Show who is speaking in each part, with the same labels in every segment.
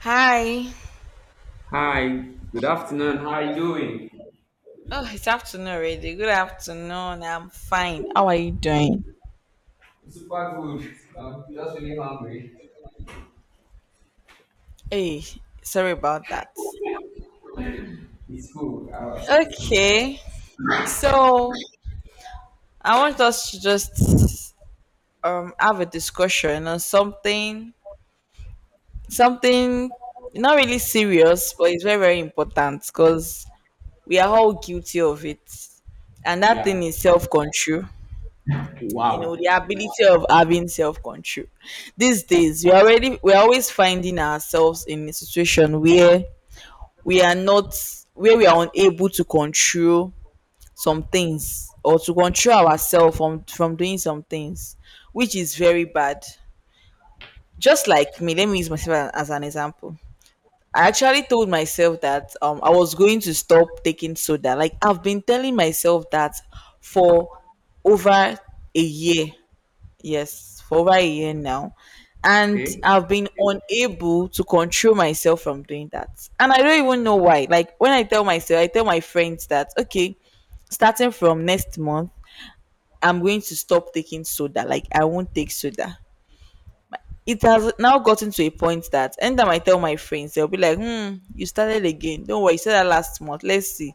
Speaker 1: Hi.
Speaker 2: Hi, good afternoon. How are you doing?
Speaker 1: Oh, it's afternoon already. Good afternoon. I'm fine. How are you doing?
Speaker 2: Super good. Just really hungry.
Speaker 1: Hey, sorry about that.
Speaker 2: It's cool. It's cool.
Speaker 1: Okay. So I want us to just have a discussion on something something not really serious, but it's very, very important because we are all guilty of it. And that thing
Speaker 2: Yeah.
Speaker 1: is self control. You know
Speaker 2: Wow.
Speaker 1: the ability of having self-control. These days we already we're always finding ourselves in a situation where we are not where we are unable to control some things or to control ourselves from doing some things, which is very bad. Just like me, let me use myself as an example. I actually told myself that I was going to stop taking soda. Like I've been telling myself that for over a year. Yes, for over a year now. And
Speaker 2: Okay.
Speaker 1: I've been unable to control myself from doing that. And I don't even know why. Like when I tell myself, I tell my friends that, okay, starting from next month, I'm going to stop taking soda. Like I won't take soda. It has now gotten to a point that anytime I tell my friends, they'll be like, hmm, you started again. Don't worry, you said that last month. Let's see.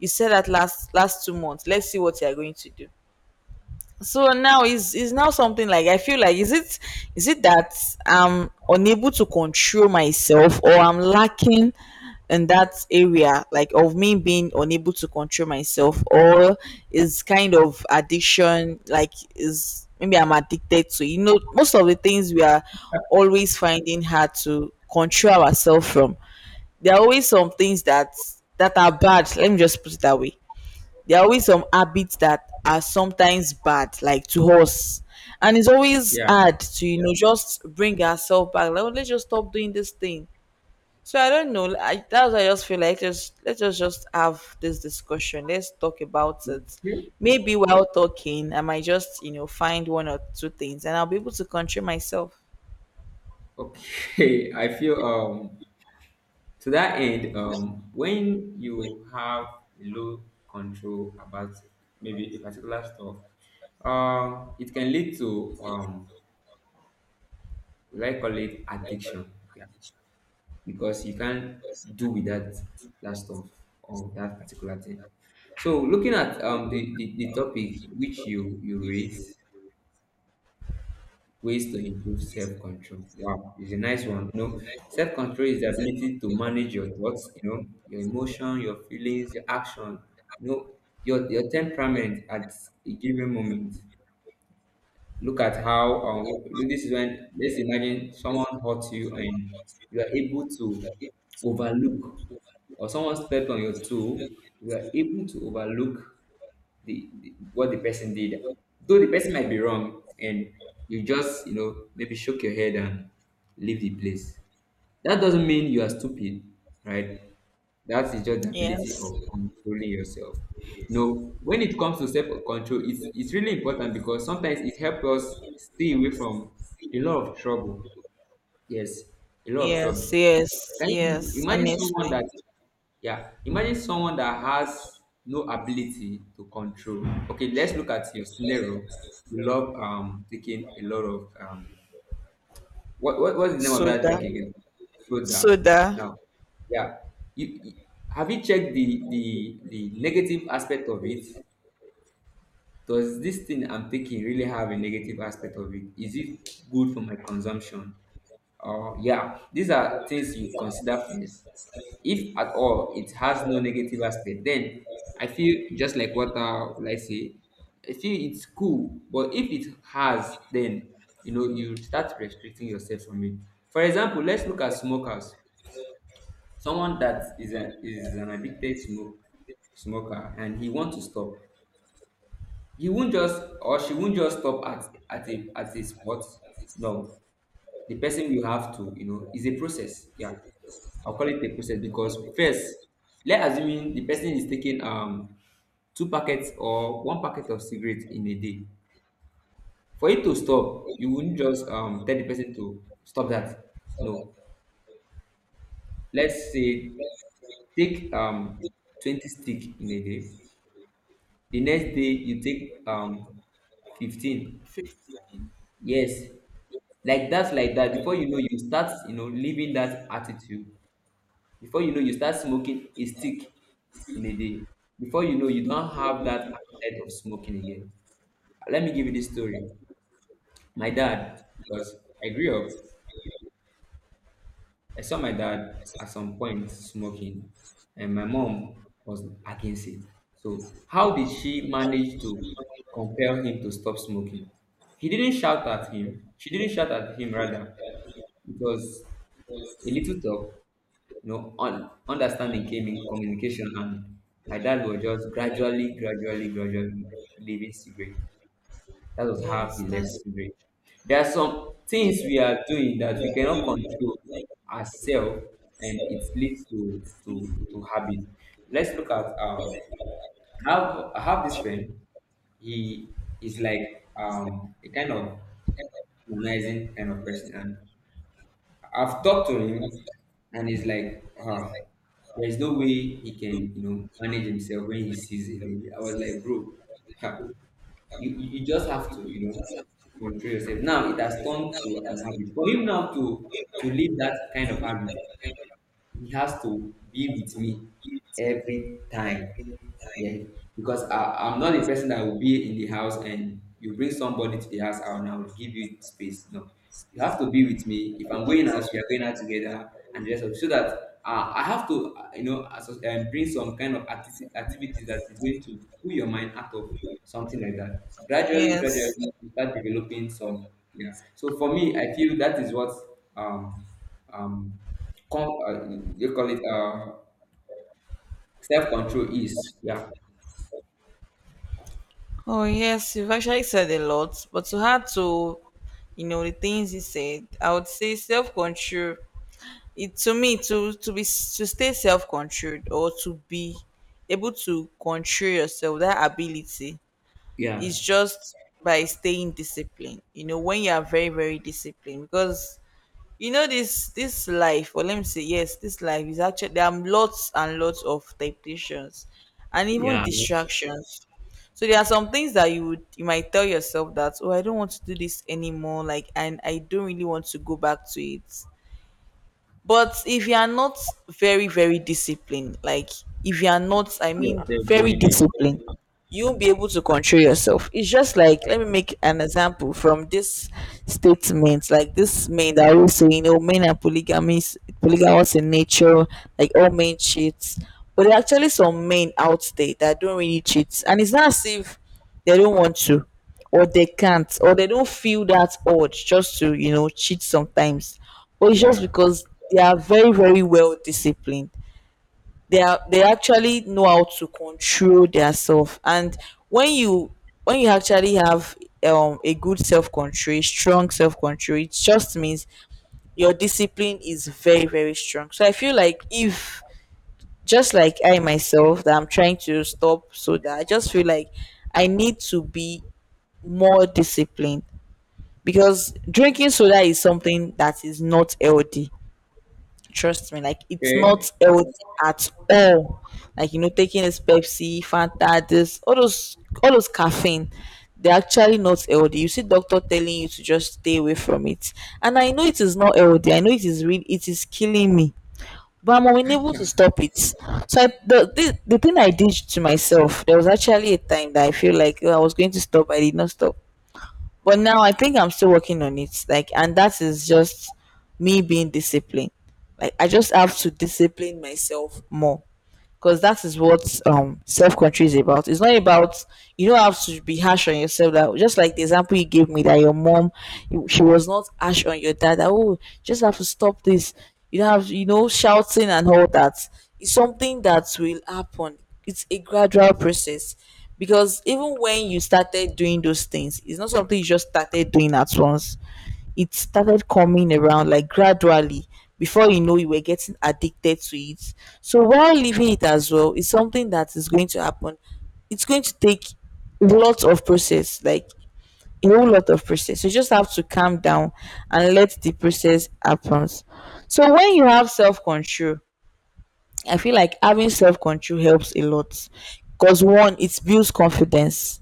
Speaker 1: You said that last last 2 months. Let's see what you're going to do. So now is now something like I feel like, is it, is it that I'm unable to control myself, or I'm lacking in that area, like of me being unable to control myself, or is kind of addiction. Like is maybe I'm addicted to, you know, most of the things we are always finding hard to control ourselves from. There are always some things that are bad. Let me just put it that way. There are always some habits that are sometimes bad, like to us. And it's always
Speaker 2: Yeah.
Speaker 1: hard to, you know, just bring ourselves back. Like, oh, let's just stop doing this thing. So I don't know. That's why I just feel like, just let's just have this discussion. Let's talk about it.
Speaker 2: Yeah.
Speaker 1: Maybe while talking, I might just, you know, find one or two things and I'll be able to control myself.
Speaker 2: Okay. I feel to that end when you have low control about maybe a particular stuff, it can lead to what I call it addiction. Yeah. Because you can't do without that stuff or that particular thing. So looking at the topic which you raised, ways to improve self-control. Wow, it's a nice one. You know, self-control is the ability to manage your thoughts, you know, your emotion, your feelings, your action, you know, your temperament at a given moment. Look at how, this is when let's imagine someone hurt you and you are able to overlook, or someone stepped on your toe, you are able to overlook the what the person did. Though the person might be wrong, and you just, you know, maybe shook your head and leave the place. That doesn't mean you are stupid, right? That is just the ability
Speaker 1: Yes.
Speaker 2: of controlling yourself. No, when it comes to self-control, it's really important because sometimes it helps us stay away from a lot of trouble. Yes, a lot of
Speaker 1: Yes,
Speaker 2: trouble.
Speaker 1: yes,
Speaker 2: Can you imagine
Speaker 1: yes,
Speaker 2: imagine someone
Speaker 1: honestly.
Speaker 2: that, yeah, imagine someone that has no ability to control. Okay, let's look at your scenario. You love taking a lot of what's the name of that
Speaker 1: Soda.
Speaker 2: drink again? Soda.
Speaker 1: Soda.
Speaker 2: Now, yeah. You, have you checked the the negative aspect of it? Does this thing I'm taking really have a negative aspect of it? Is it good for my consumption? Yeah, these are things you consider first. If at all it has no negative aspect, then I feel just like what will I say, I feel it's cool. But if it has, then you know you start restricting yourself from it. For example, let's look at smokers. Someone that is an addicted smoker and he wants to stop. He won't just, or she won't just stop at a spot. No, the person will have to, you know, it's a process. Yeah. I'll call it a process because first, let's assuming the person is taking two packets or one packet of cigarette in a day. For it to stop, you wouldn't just tell the person to stop that. No. Let's say take 20 stick in a day. The next day you take 15. Yes. Like that, like that. Before you know, you start, you know, living that attitude. Before you know, you start smoking a stick in a day. Before you know, you don't have that appetite of smoking again. Let me give you this story. My dad, because I grew up, I saw my dad at some point smoking, and my mom was against it. So, how did she manage to compel him to stop smoking? He didn't shout at him. She didn't shout at him, rather. It was a little talk, you know, understanding came in communication, and my dad was just gradually, gradually, gradually leaving cigarette. That was how he
Speaker 1: Yes,
Speaker 2: left
Speaker 1: that's
Speaker 2: cigarette. There are some things we are doing that we cannot control ourselves, and it leads to habit. Let's look at I have I have this friend. He is like a kind of humanizing kind of person, and I've talked to him, and he's like, ah, there is no way he can, you know, manage himself when he sees a lady. I was like, bro, ha, you just have to, you know, control yourself. Now it has turned to an habit. For him now to leave that kind of habit, he has to be with me every time. Yeah, because I'm not the person that will be in the house and you bring somebody to the house and I will give you space. No, you have to be with me. If I'm going out, we are going out together, and just so that I have to, you know, bring some kind of activities that is going to pull your mind out of something like that. Gradually, gradually,
Speaker 1: yes.
Speaker 2: you start developing some. Yeah. So for me, I feel that is what um um, you call it self control is. Yeah.
Speaker 1: Oh yes, you've actually said a lot, but to add to, you know, the things you said, I would say self control. It, to me, to be, to stay self controlled, or to be able to control yourself, that ability is
Speaker 2: Yeah.
Speaker 1: just by staying disciplined. You know, when you are very, very disciplined, because you know this life, or let me say, yes, this life is actually, there are lots and lots of temptations and even
Speaker 2: Yeah,
Speaker 1: distractions. So there are some things that you would, you might tell yourself that, oh, I don't want to do this anymore, like, and I don't really want to go back to it. But if you are not very, very disciplined, like if you are not, I
Speaker 2: yes,
Speaker 1: mean,
Speaker 2: they're
Speaker 1: very
Speaker 2: doing it.
Speaker 1: disciplined, you won't be able to control yourself. It's just like, let me make an example from this statement, like this man that always say, you know, men are polygamous, polygamous in nature, like all men cheat. But there are actually some men out there that don't really cheat. And it's not as if they don't want to, or they can't, or they don't feel that urge just to, you know, cheat sometimes, but it's just
Speaker 2: Yeah.
Speaker 1: because they are very, very well disciplined. They are, they actually know how to control their self. And when you when you actually have a good self-control, strong self-control, it just means your discipline is very, very strong. So I feel like if, just like I myself that I'm trying to stop, so that I just feel like I need to be more discipline, because drinking soda is something that is not healthy. Trust me, like it's
Speaker 2: Okay.
Speaker 1: not healthy at all. Like, you know, taking this Pepsi, Fanta, this all those caffeine, they're actually not healthy. You see, doctor telling you to just stay away from it, and I know it is not healthy. I know it is real. It is killing me, but I'm unable to stop it. So I, the thing I did to myself, there was actually a time that I feel like, oh, I was going to stop. I did not stop, but now I think I'm still working on it. Like, and that is just me being disciplined. Like, I just have to discipline myself more, because that is what self control is about. It's not about, you don't have to be harsh on yourself. That, just like the example you gave me that your mom, she was not harsh on your dad. That, oh, just have to stop this. You don't have, you know, shouting and all that. It's something that will happen. It's a gradual process, because even when you started doing those things, it's not something you just started doing at once. It started coming around like gradually, before you know, you were getting addicted to it. So while leaving it as well is something that is going to happen. It's going to take lots of process, like a whole lot of process. You just have to calm down and let the process happen. So when you have self-control, I feel like having self-control helps a lot, because one, it builds confidence.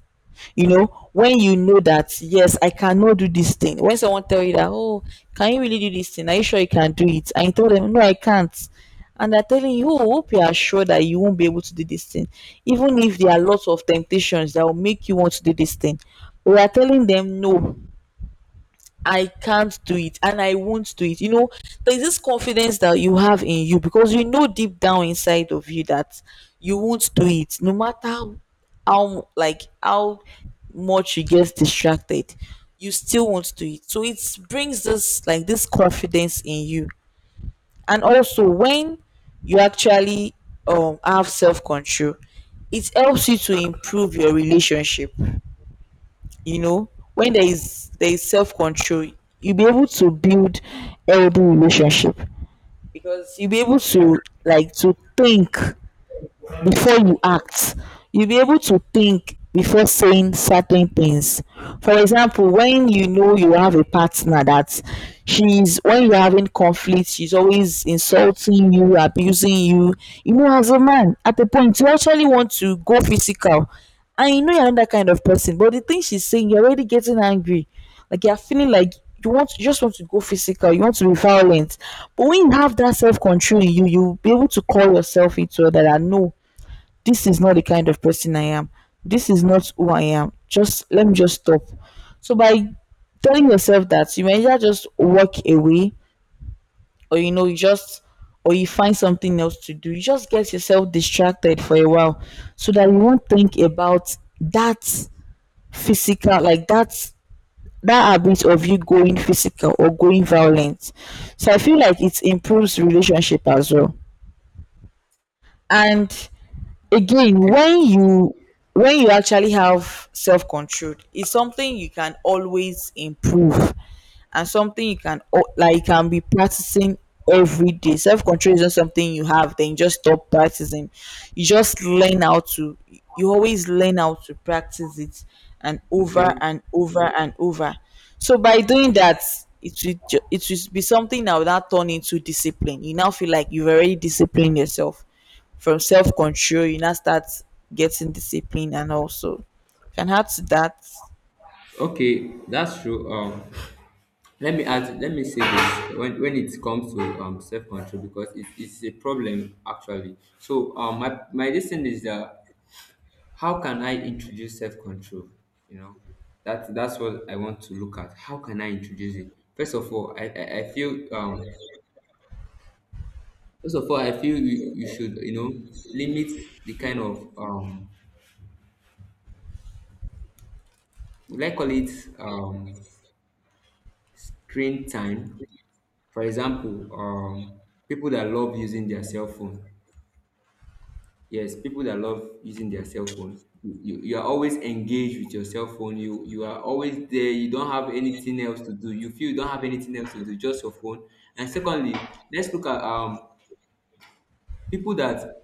Speaker 1: You know, when you know that, yes, I cannot do this thing, when someone tell you that, oh, can you really do this thing, are you sure you can do it, and you tell them, no, I can't, and they're telling you, oh, hope you are sure that you won't be able to do this thing, even if there are lots of temptations that will make you want to do this thing, we are telling them, no, I can't do it and I won't do it. You know, there's this confidence that you have in you, because you know deep down inside of you that you won't do it no matter how like how much you get distracted, you still won't do it. So it brings this, like this confidence in you. And also when you actually have self control, it helps you to improve your relationship. You know, when there is self-control, you'll be able to build healthy relationship, because you'll be able to, to think before you act. You'll be able to think before saying certain things. For example, when you know you have a partner that, she's when you're having conflict, she's always insulting you, abusing you, you know, as a man, at a point, you actually want to go physical, and you know you're not that kind of person, but the thing she's saying, you're already getting angry. Like you're feeling like, you just want to go physical, you want to be violent. But when you have that self-control in you, you'll be able to call yourself into that. I know this is not the kind of person I am. This is not who I am. Just let me just stop. So by telling yourself that, you may either just walk away, or you know, you just, or you find something else to do. You just get yourself distracted for a while, so that you won't think about that physical, like that, that habit of you going physical or going violent. So I feel like it improves relationship as well. And again,
Speaker 2: Okay.
Speaker 1: when you actually have self control, it's something you can always improve, and something like you can be practicing every day. Self control is not something you have, then you just stop practicing. You just learn how to, you always learn how to practice it, and
Speaker 2: Okay.
Speaker 1: over and over and over. So by doing that, it will be something that will now turn into discipline. You now feel like you've already disciplined yourself from self control. You now start getting discipline, and also you can add to that.
Speaker 2: Okay. That's true. Let me add. Let me say this. When it comes to self control, because it's a problem actually. So my lesson is that how can I introduce self control? You know, that's what I want to look at. How can I introduce it? First of all, I feel First of all, I feel you should you know limit the kind of Would I call it um screen time, for example? People that love using their cell phone, yes, people that love using their cell phone, you are always engaged with your cell phone, you are always there, you don't have anything else to do, you feel you don't have anything else to do, just your phone. And secondly, let's look at people that